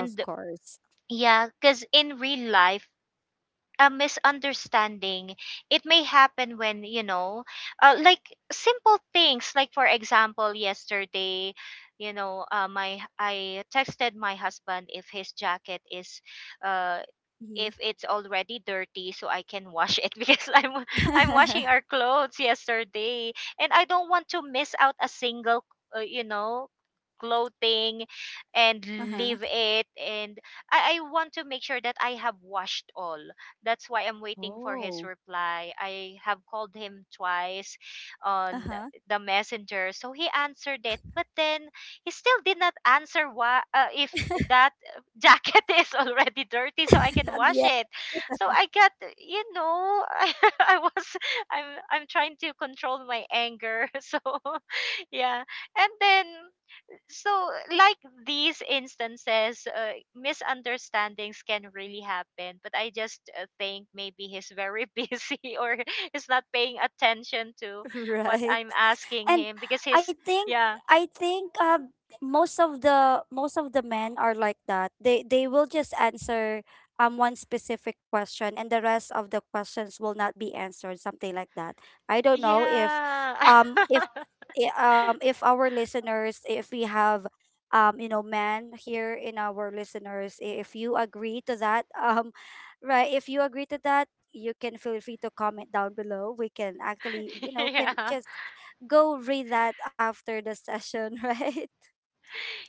A: Of course.
B: yeah, because in real life, a misunderstanding, it may happen when, you know, like simple things. Like for example, yesterday, you know, my I texted my husband if his jacket is uh
A: Mhm.
B: if it's already dirty so I can wash it, <laughs> because I'm washing our
A: <laughs>
B: clothes yesterday, and I don't want to miss out a single uh, you know clothing and
A: Uh-huh.
B: leave it. And I want to make sure that I have washed all. That's why I'm waiting for his
A: Oh.
B: reply. I have called him twice on
A: Uh-huh.
B: the messenger, so he answered it, but then he still did not answer why, if
A: <laughs>
B: that jacket <laughs> is already dirty so I can wash
A: Yeah.
B: it. So I got, you know, <laughs> I was I'm trying to control my anger. <laughs> So <laughs> yeah. And then, so like these instances, misunderstandings can really happen. But I just think maybe he's very <laughs> busy, or he's not paying attention to what
A: Right.
B: I'm asking
A: And
B: him, because
A: I
B: he's,
A: think
B: yeah.
A: I think most of the men are like that. They will just answer one specific question and the rest of the questions will not be answered, something like that. I don't know
B: Yeah.
A: if if our listeners, if we have you know men here in our listeners, if you agree to that, <laughs> right, if you agree to that, you can feel free to comment down below. We can actually, you
B: <laughs>
A: know, can
B: Yeah.
A: just go read that after the session, <laughs> right?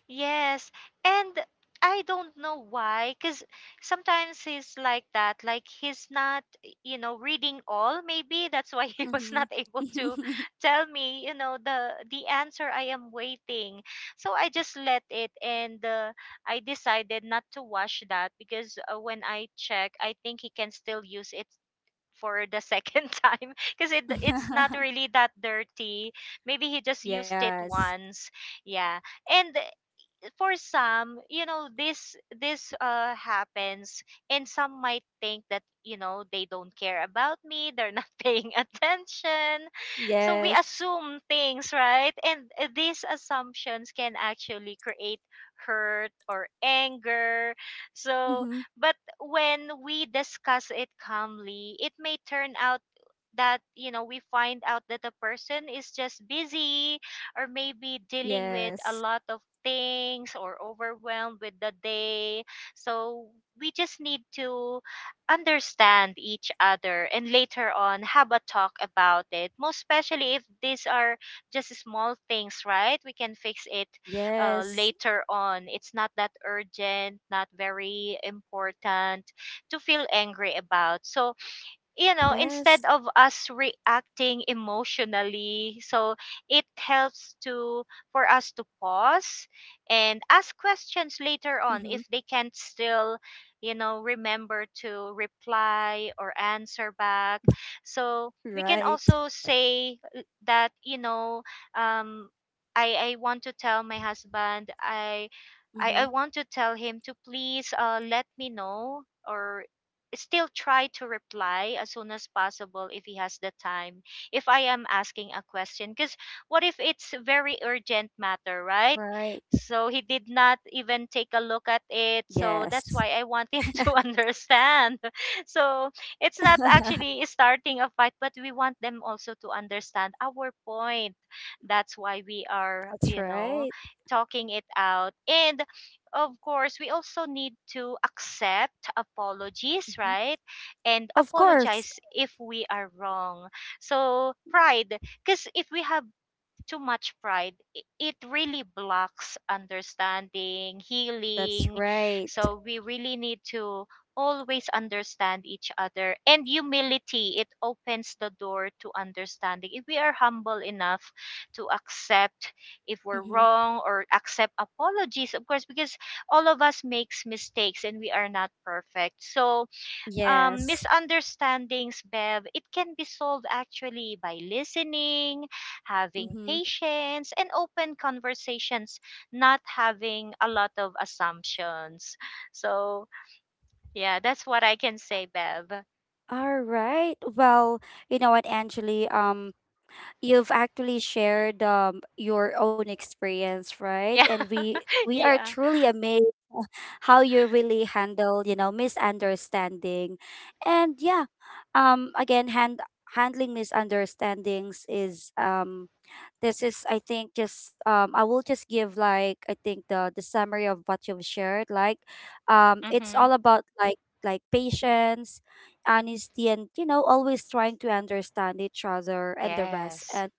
B: Yes. And I don't know why, because sometimes he's like that. Like he's not, you know, reading all. Maybe that's why <laughs> he was not able to
A: Mm-hmm.
B: tell me, you know, the answer I am waiting. So I just let it, and I decided not to wash that, because when I check, I think he can still use it for the second <laughs> time, because it's not
A: <laughs>
B: really that dirty. Maybe he just used it
A: Yes.
B: once. Yeah. And for some, you know, this happens, and some might think that, you know, they don't care about me, they're not <laughs> paying attention. So we
A: Yes.
B: assume things, right? And these assumptions can actually create hurt or anger. So,
A: Mm-hmm.
B: but when we discuss it calmly, it may turn out that, you know, we find out that the person is just busy, or maybe dealing with a
A: Yes.
B: lot of things, or overwhelmed with the day. So we just need to understand each other and later on have a talk about it. Most especially if these are just small things, right? We can fix it
A: Yes.
B: later on. It's not that urgent, not very important to feel angry about. So, you know,
A: Yes.
B: instead of us reacting emotionally, so it helps to, for us to pause and ask questions
A: Mm-hmm.
B: later on if they can't still, you know, remember to reply or answer back. So we can
A: Right.
B: also say, that, you know, um I want to tell my husband.
A: Mm-hmm.
B: I want to tell him to please, let me know, or still try to reply as soon as possible if he has the time, if I am asking a question, because what if it's very
A: Right.
B: urgent matter, right? So he did not even take a look at
A: Yes.
B: it. So that's why I want him <laughs> to understand. <laughs> So
A: <laughs>
B: it's not actually starting a fight, but we want them also to understand our point. That's why we are,
A: That's
B: you
A: right.
B: know, talking it out. And of course, we also need to accept apologies,
A: Hmm.
B: right? And
A: Of course.
B: apologize if we are wrong. So, pride, because if we have too much pride, it really blocks understanding,
A: That's
B: healing.
A: right.
B: So we really need to always understand each other. And humility, it opens the door to understanding. If we are humble enough to accept if we're
A: Mm-hmm.
B: wrong or accept apologies, of course, because all of us makes mistakes and we are not perfect. So
A: Yes.
B: misunderstandings, Bev, it can be solved actually by listening, having
A: Mm-hmm.
B: patience, and open conversations, not having a lot of assumptions. So, yeah, that's what I can say, Bev.
A: All right. Well, you know what, Angeli? You've actually shared your own experience, right?
B: Yeah.
A: And we
B: <laughs>
A: we are
B: Yeah.
A: truly amazed how you really handle, you know, misunderstanding. And yeah, again hand handling misunderstandings is this is, I think, just I will just give, like, I think the summary of what you've shared. Like, it's
B: Mm-hmm.
A: all about, like patience, honesty, and you know, always trying to understand each other and the rest.
B: Yes.
A: And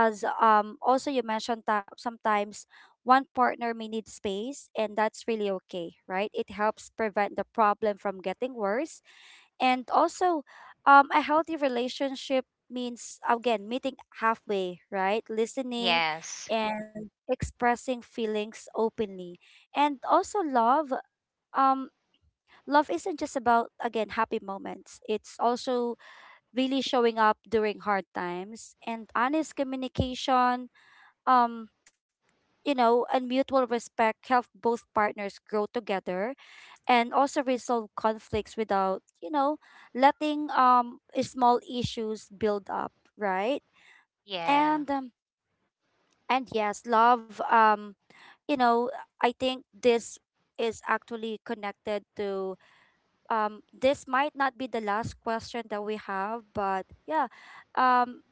A: as also you mentioned, that sometimes one partner may need space, and that's really okay, right? It helps prevent the problem from getting worse. And also, a healthy relationship means, again, meeting halfway, right? Listening
B: Yes.
A: and expressing feelings openly. And also love, um love isn't just about, again, happy moments. It's also really showing up during hard times, and honest communication um you know, and mutual respect help both partners grow together and also resolve conflicts without, you know, letting small issues build up, right?
B: Yeah.
A: And and yes, love, you know, I think this is actually connected to, this might not be the last question that we have, but yeah, um,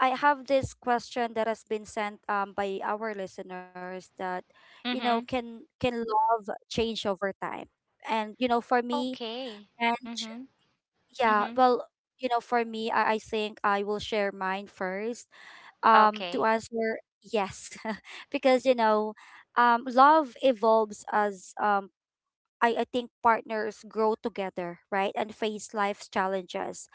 A: I have this question that has been sent by our listeners, that, you know,
B: Mm-hmm.
A: can love change over time? And you know, for me,
B: Okay.
A: and
B: Mm-hmm.
A: yeah,
B: Mm-hmm.
A: well, you know, for me, I think I will share mine first. To
B: Okay.
A: answer yes, <laughs> because you know, love evolves as I think partners grow together, right? And face life's challenges.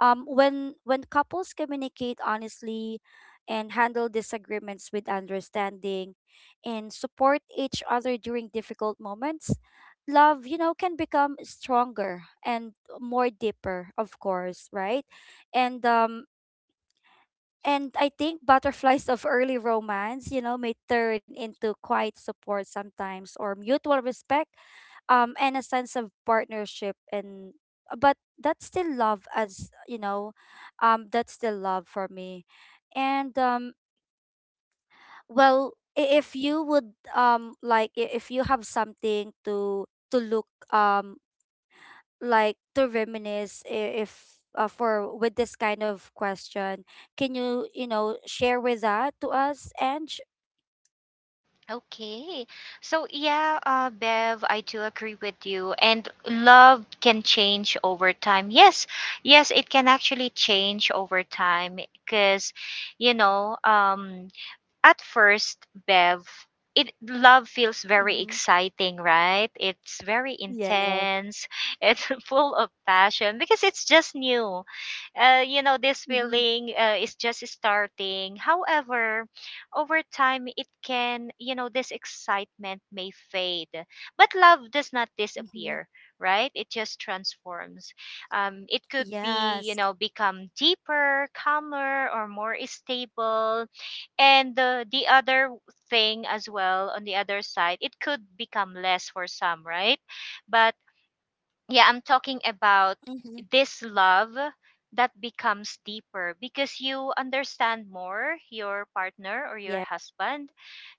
A: When couples communicate honestly and handle disagreements with understanding and support each other during difficult moments, love, you know, can become stronger and more deeper, of course, right? And um, and I think butterflies <laughs> of early romance, you know, may turn into quiet support sometimes or mutual respect, and a sense of partnership, and but that's still love, as you know, that's still love for me. And um, well, if you would, like, if you have something to look, um like, to reminisce, if for with this kind of question, can you, you know, share with that to us? And
B: Okay. So yeah, Bev, I do agree with you. And love can change over time. Yes, yes, it can actually change over time because, you know, at first, Bev, it love feels very
A: mm-hmm.
B: exciting, right? It's very
A: Yeah.
B: intense. <laughs> It's full of passion because it's just new. You know, this
A: Mm-hmm.
B: feeling is just starting. However, over time, it can, you know, this excitement may fade, but love does not
A: Mm-hmm.
B: disappear. Right, it just transforms. It could be, you
A: Yes.
B: know, become deeper, calmer, or more stable. And the other thing as well, on the other side, it could become less for some, right? But yeah, I'm talking about
A: Mm-hmm.
B: this love that becomes deeper because you understand more your partner or your
A: Yeah.
B: husband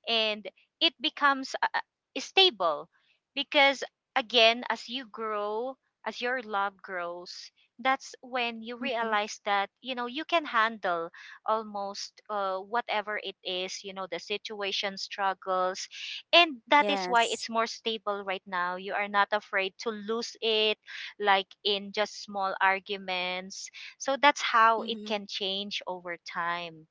B: and it becomes stable because, again, as you grow, as your love grows, that's when you
A: Mm-hmm.
B: realize that, you know, you can handle almost whatever it is, you know, the situation, struggles, and that is why
A: Yes.
B: it's more stable. Right now you are not afraid to lose it like in just small arguments. So that's how
A: Mm-hmm.
B: it can change over time.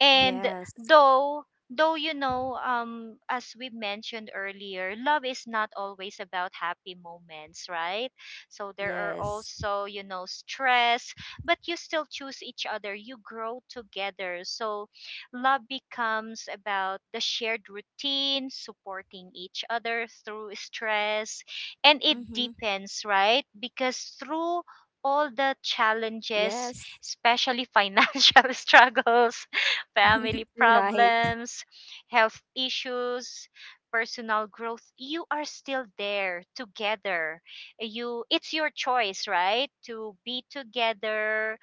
B: And
A: Yes.
B: though, you know, as we mentioned earlier, love is not always about happy moments, right? So there are
A: Yes.
B: also, you know, stress, but you still choose each other, you grow together, so love becomes about the shared routine, supporting each other through
A: Mm-hmm.
B: stress. And it deepens, right? Because through all the
A: Yes.
B: challenges, especially financial <laughs> struggles,
A: <laughs>
B: family
A: Right.
B: problems, health issues, personal growth, you are still there together. You, it's your choice, right? To be together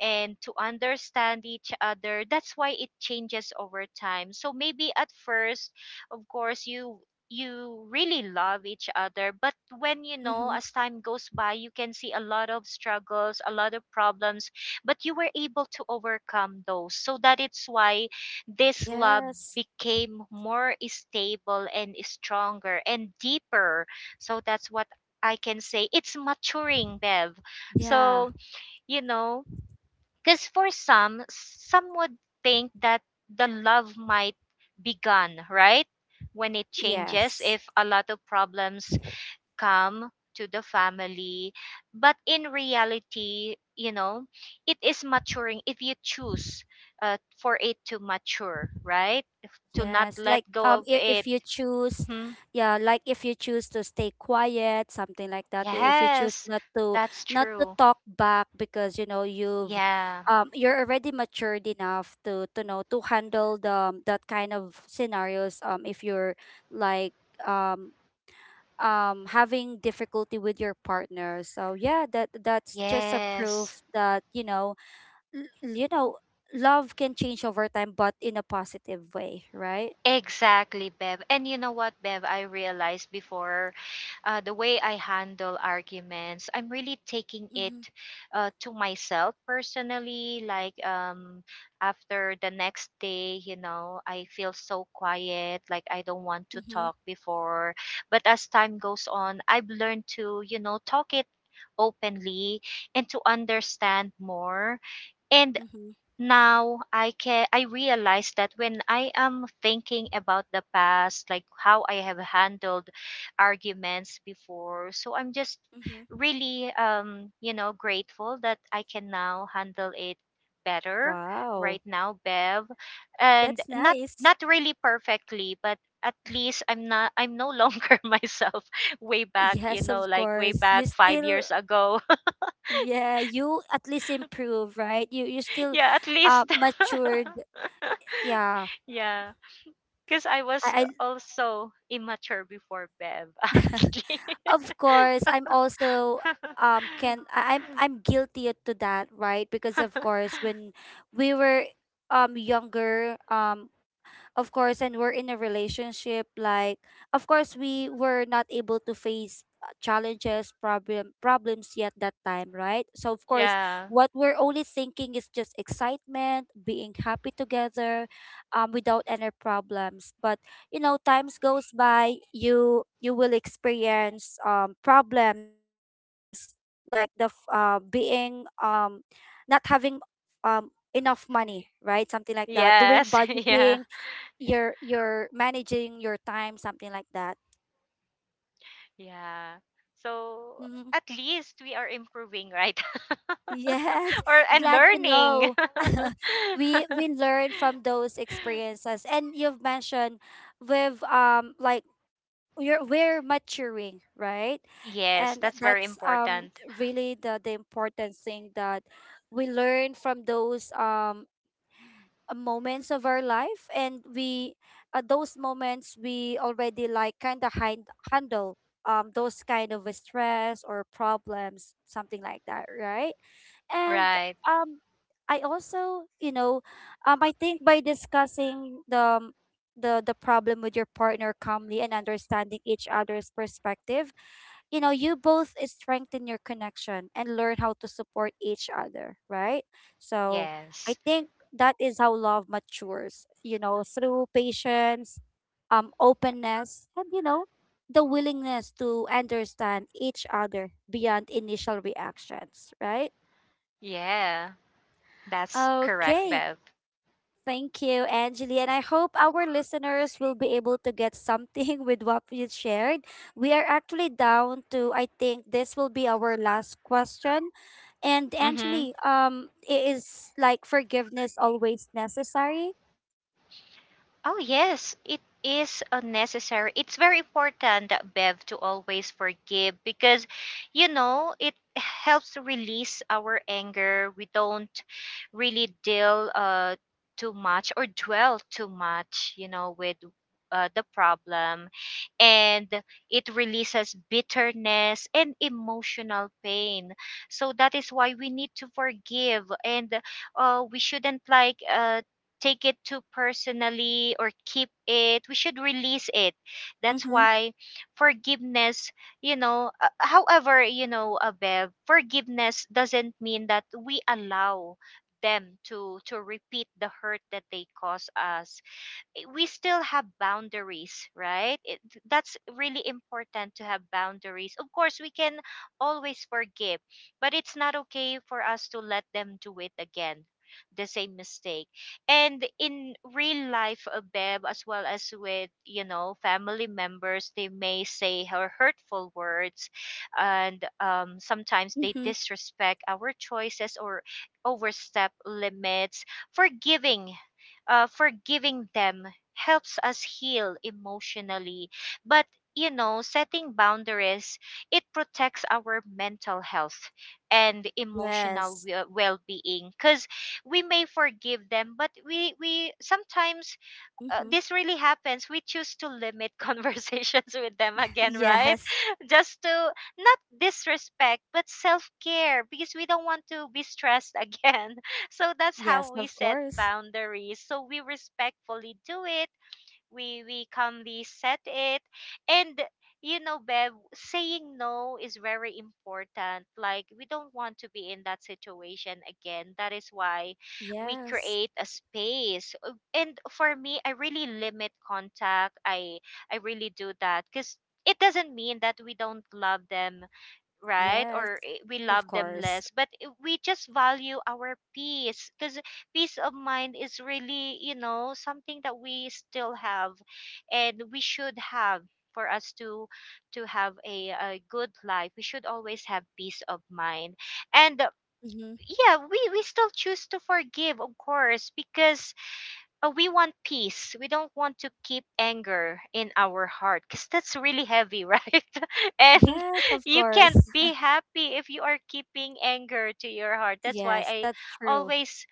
B: and to understand each other. That's why it changes over time. So maybe at first, of course, you really love each other, but when, you know,
A: Mm-hmm.
B: as time goes by, you can see a lot of struggles, a lot of problems, but you were able to overcome those, so that it's why this love
A: Yes.
B: became more stable and stronger and deeper. So that's what I can say, it's maturing, Bev.
A: Yeah.
B: So, you know, because for some would think that the love might be gone, right? When it changes,
A: Yes.
B: if a lot of problems come to the family. But in reality, you know, it is maturing if you choose for it to mature, right? To not
A: Yes.
B: let
A: Like,
B: go of
A: if
B: it.
A: you choose,
B: Mhm.
A: yeah, like, if you choose to stay quiet, something like that. If you choose
B: Yes,
A: not to
B: that's true.
A: talk back because you know you've
B: Yeah.
A: you're already matured enough to know to handle the that kind of scenarios, if you're like, um having difficulty with your partner, so yeah, that that's just a
B: Yes.
A: proof that, you know, l- you know, love can change over time, but in a positive way, right?
B: Exactly, Bev. And you know what, Bev, I realized before the way I handle arguments, I'm really taking it
A: Mm-hmm.
B: to myself personally. Like after the next day, you know, I feel so quiet, like I don't want to
A: Mm-hmm.
B: talk before. But as time goes on, I've learned to, you know, talk it openly and to understand more. And
A: Mm-hmm.
B: now I realize that when I am thinking about the past, like how I have handled arguments before, so I'm just
A: Mm-hmm.
B: really you know, grateful that I can now handle it better
A: Wow.
B: right now, Bev. And
A: That's
B: not
A: nice.
B: not really perfectly, but at least I'm no longer <laughs> myself way back, you
A: Yes,
B: know,
A: of
B: like way
A: course
B: back
A: you
B: 5
A: still,
B: years ago.
A: yeah, you at least improve, right? You
B: <laughs>
A: still,
B: Yeah, at least.
A: matured,
B: <laughs>
A: yeah.
B: Yeah. Because I was
A: i,
B: also immature before, Bev,
A: I
B: <laughs>
A: <laughs>
B: honestly.
A: of course, I'm also
B: <laughs>
A: can I'm guilty to that, right? Because of course, when we were younger, um, of course, and we're in a relationship, like, of course, we were not able to face challenges, problems yet that time, right? So of course,
B: Yeah.
A: what we're only thinking is just excitement, being happy together, without any problems. But you know, times goes by, you will experience problems, like being not having, um, enough money, right? Something like that, doing
B: Yes. <laughs>
A: budgeting,
B: Yeah.
A: you're managing your time, something like that.
B: Yeah. So
A: Hmm.
B: at least we are improving, right?
A: Yes.
B: <laughs> Or
A: <laughs>
B: and
A: Glad to
B: learning.
A: know. <laughs> We learn from those
B: <laughs>
A: experiences, and you've mentioned with like, we're maturing, right?
B: Yes,
A: And
B: that's very
A: that's
B: important.
A: really the important thing, that we learn from those moments of our life. And we those moments we already like kind of handle those kind of stress or problems, something like that, right? And
B: Right.
A: um I also, you know, I think, by discussing the the problem with your partner calmly and understanding each other's perspective, you know, you both strengthen your connection and learn how to support each other, right? So I
B: Yes.
A: think that is how love matures, you know, through patience, openness, and you know, the willingness to understand each other beyond initial reactions, right?
B: Yeah. That's correct,
A: Okay.
B: Bev.
A: Thank you, Angeli. And I hope our listeners will be able to get something <laughs> with what you shared. We are actually down to, I think, this will be our last question. And
B: Mm-hmm.
A: Angeli, is like forgiveness always necessary?
B: Oh, yes, it is necessary. It's very important, that Bev, to always forgive because, you know, it helps to release our anger. We don't really deal too much or dwell too much, you know, with the problem. And it releases bitterness and emotional pain. So that is why we need to forgive. And we shouldn't like, take it too personally or keep it. We should release it.
A: Mm-hmm.
B: That's why forgiveness, you know, however, you know, Bev, forgiveness doesn't mean that we allow them to repeat the hurt that they cause us. We still have boundaries, right? It, that's really important to have boundaries. Of course, we can always forgive, but it's not okay for us to let them do it again, the same mistake. And in real life, Bev, as well as with, you know, family members, they may say her hurtful words, and sometimes
A: Mm-hmm.
B: they disrespect our choices or overstep limits. forgiving Forgiving them helps us heal emotionally. But, you know, setting boundaries, it protects our mental health and emotional
A: Yes.
B: well being. Because we may forgive them, but we sometimes,
A: Mm-hmm.
B: this really happens, we choose to limit <laughs> conversations with them
A: <laughs>
B: again, right?
A: Yes.
B: <laughs> Just to not disrespect, but self-care, because we don't want to be stressed again. <laughs> So that's
A: Yes,
B: how we
A: of
B: set
A: course.
B: boundaries, so we respectfully do it, we calmly set it. And, you know, Bev, saying no is very important, like we don't want to be in that situation again. That is why we
A: Yes.
B: create a space. And for me, I really limit contact. I really do that because it doesn't mean that we don't love them, right?
A: Yes,
B: Or we
A: of
B: love them
A: course.
B: less, but we just value our peace, because peace of mind is really, you know, something that we still have and we should have, for us to have a good life. We should always have peace of mind. And
A: Mm-hmm.
B: yeah, we still choose to forgive, of course, because, oh, we want peace. We don't want to keep anger in our heart because that's really heavy, right? <laughs> And
A: Yes,
B: <laughs>
A: of
B: you
A: course.
B: can't be happy if you are keeping anger to your heart. That's why
A: Yes,
B: I
A: that's true.
B: always,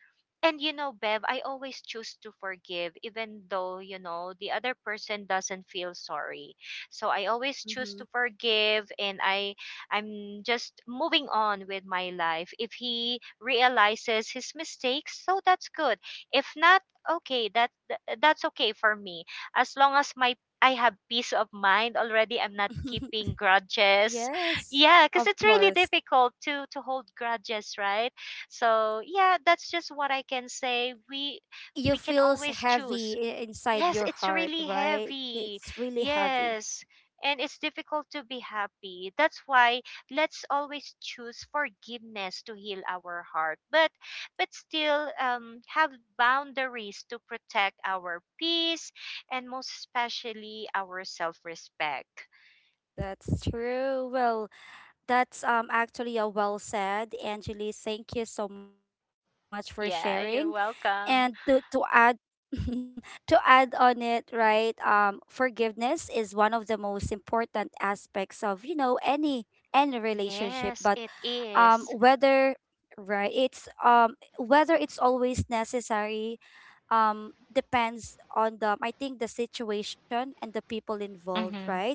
B: and you know, Bev, I always choose to forgive, even though, you know, the other person doesn't feel sorry. So I always choose
A: Mm-hmm.
B: to forgive and I'm just moving on with my life. If he realizes his mistakes, so that's good. If not, okay, that's okay for me, as long as my I have peace of mind already. I'm not
A: <laughs>
B: keeping grudges. <laughs>
A: Yes,
B: Yeah, because
A: of
B: it's really
A: course.
B: difficult to hold grudges, right? So yeah, that's just what I can say,
A: You
B: we can
A: feels
B: always choose.
A: heavy inside
B: Yes,
A: your
B: it's
A: heart,
B: really
A: right?
B: heavy.
A: It's really heavy.
B: Yes. And it's difficult to be happy. That's why let's always choose forgiveness to heal our heart, but still, have boundaries to protect our peace and most especially our self-respect.
A: That's true. Well, that's actually a well said, Angeli. Thank you so much for sharing.
B: Yeah,
A: And
B: you're
A: to
B: welcome.
A: add, <laughs> to add on it, right? Forgiveness is one of the most important aspects of, you know, any relationship, but
B: Yes, it is.
A: whether, right, it's whether it's always necessary depends on the, I think, the situation and the people involved,
B: Mm-hmm.
A: right?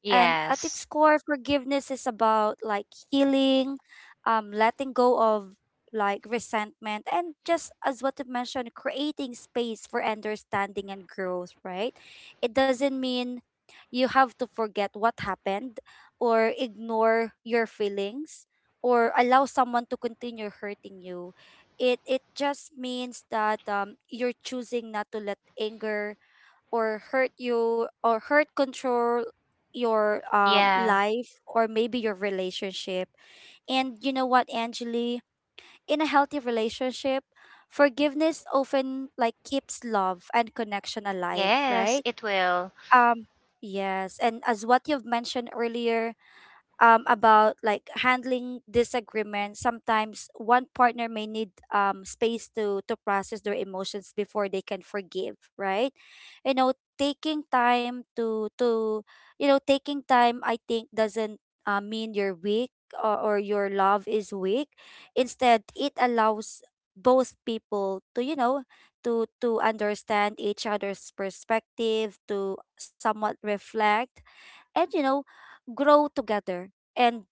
A: And at its core, forgiveness is about like healing, letting go of like resentment, and just as what you mentioned, creating space for understanding and growth, right? It doesn't mean you have to forget what happened or ignore your feelings or allow someone to continue hurting you. It just means that you're choosing not to let anger or hurt you or hurt control your
B: Yeah.
A: life or maybe your relationship. And you know what, Angeli? In a healthy relationship, forgiveness often like keeps love and connection alive,
B: Yes,
A: right?
B: it will.
A: Um, yes. And as what you've mentioned earlier, about like handling disagreement. Sometimes one partner may need space to process their emotions before they can forgive, right? You know, taking time to you know taking time I think doesn't mean you're weak, or your love is weak. Instead, it allows both people to, you know, to understand each other's perspective, to somewhat reflect, and you know, grow together. And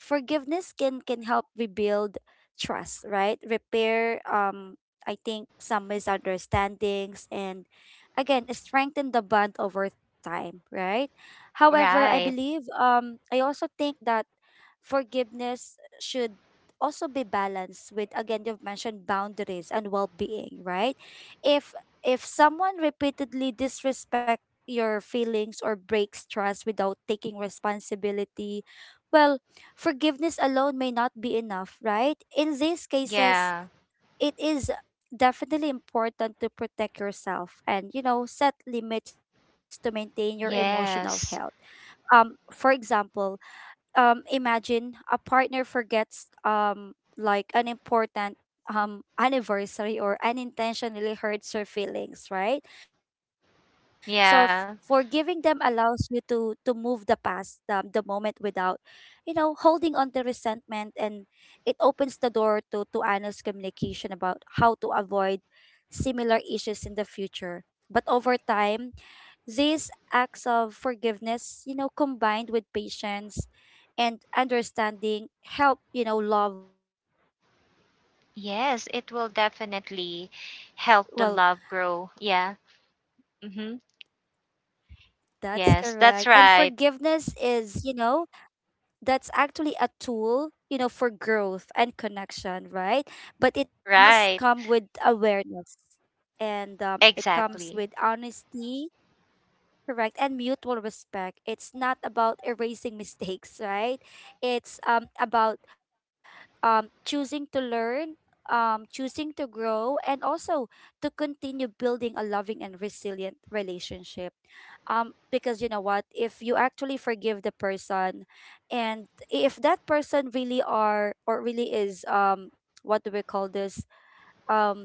A: forgiveness can help rebuild trust, right, repair I think some misunderstandings, and again strengthen the bond over time, right? However, I
B: Right.
A: believe, I also think that forgiveness should also be balanced with, again, you've mentioned boundaries and well-being, right? if if someone repeatedly disrespect your feelings or breaks trust without taking responsibility, well, forgiveness alone may not be enough, right? In these cases,
B: Yeah.
A: it is definitely important to protect yourself, and you know, set limits to maintain your emotional health.
B: Yes.
A: For example, imagine a partner forgets like an important anniversary, or unintentionally hurts her feelings, right? So forgiving them
B: Yeah.
A: allows you to move the past, the moment, without you know holding on to resentment. And it opens the door to honest communication about how to avoid similar issues in the future. But over time, these acts of forgiveness, you know, combined with patience and understanding, help, you know, love mature and deepen,
B: Yes,
A: right?
B: it will
A: So in the
B: definitely
A: essence of,
B: help the love
A: well,
B: grow. Yeah. Mm-hmm.
A: that's correct, and
B: Yes, that's
A: forgiveness
B: right.
A: is, you know, that's actually a tool, you know, for growth and connection, right? But it must
B: Right.
A: come with awareness, and it comes
B: Exactly.
A: with honesty. Correct. And mutual respect. It's not about erasing <laughs> mistakes, right? It's about choosing to learn, choosing to grow, and also to continue building a loving and resilient relationship. Um, because you know what, if you actually forgive the person, and if that person really are or really is what do we call this? Um,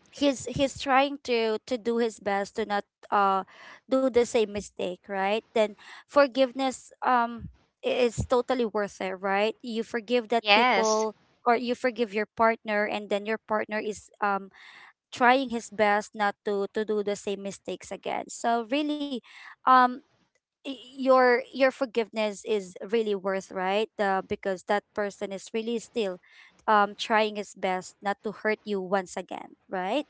A: he's trying to do his best to not uh do the same mistake, right? Then forgiveness, is totally worth it, right? You forgive that
B: Yes,
A: people, or you forgive your partner, and then your partner is trying his best not to to do the same mistakes again. So really, um, your forgiveness is really worth, right? Uh, because that person is really still trying his best not to hurt you once again, right?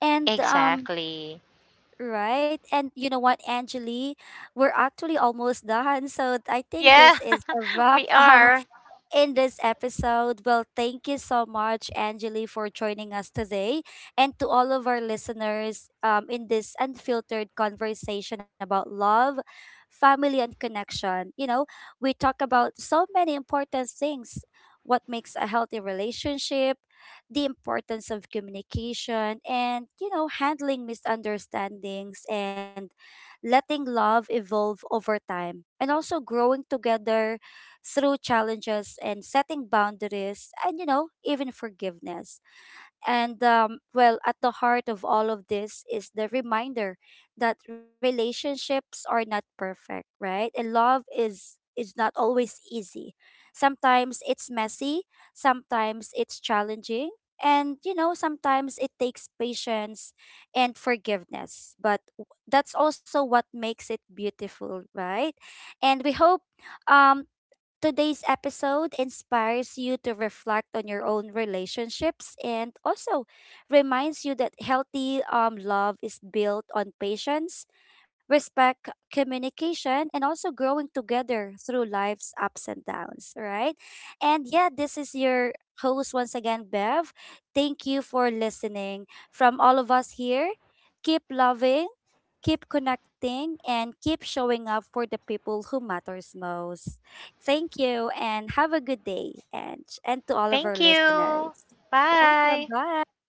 A: And um,
B: exactly.
A: right, and you know what, Angeli, we're actually almost done, so I think
B: Yeah,
A: this is a
B: <laughs>
A: wrap.
B: we
A: <laughs> Um,
B: are.
A: in this episode. Well, thank you so much, Angeli, for joining us today. And to all of our listeners in this unfiltered conversation about love, family, and connection. You know, we talk about so many important things: what makes a healthy relationship, the importance of communication, and, you know, handling misunderstandings, and letting love evolve over time, and also growing together through challenges, and setting boundaries, and you know, even forgiveness. And well, at the heart of all of this is the reminder that relationships are not perfect, right? And love is not always easy. Sometimes it's messy, sometimes it's challenging, and you know, sometimes it takes patience and forgiveness. But that's also what makes it beautiful, right? And we hope, um today's episode inspires you to reflect on your own relationships, and also reminds you that healthy, love is built on patience, respect, communication, and also growing together through life's ups and downs, right? And yeah, this is your host once again, Bev. Thank you for listening. From all of us here, keep loving, keep connecting, and keep showing up for the people who matters most. Thank you and have a good day, and to all of our
B: Thank you.
A: listeners. Welcome.
B: Bye.
A: Bye.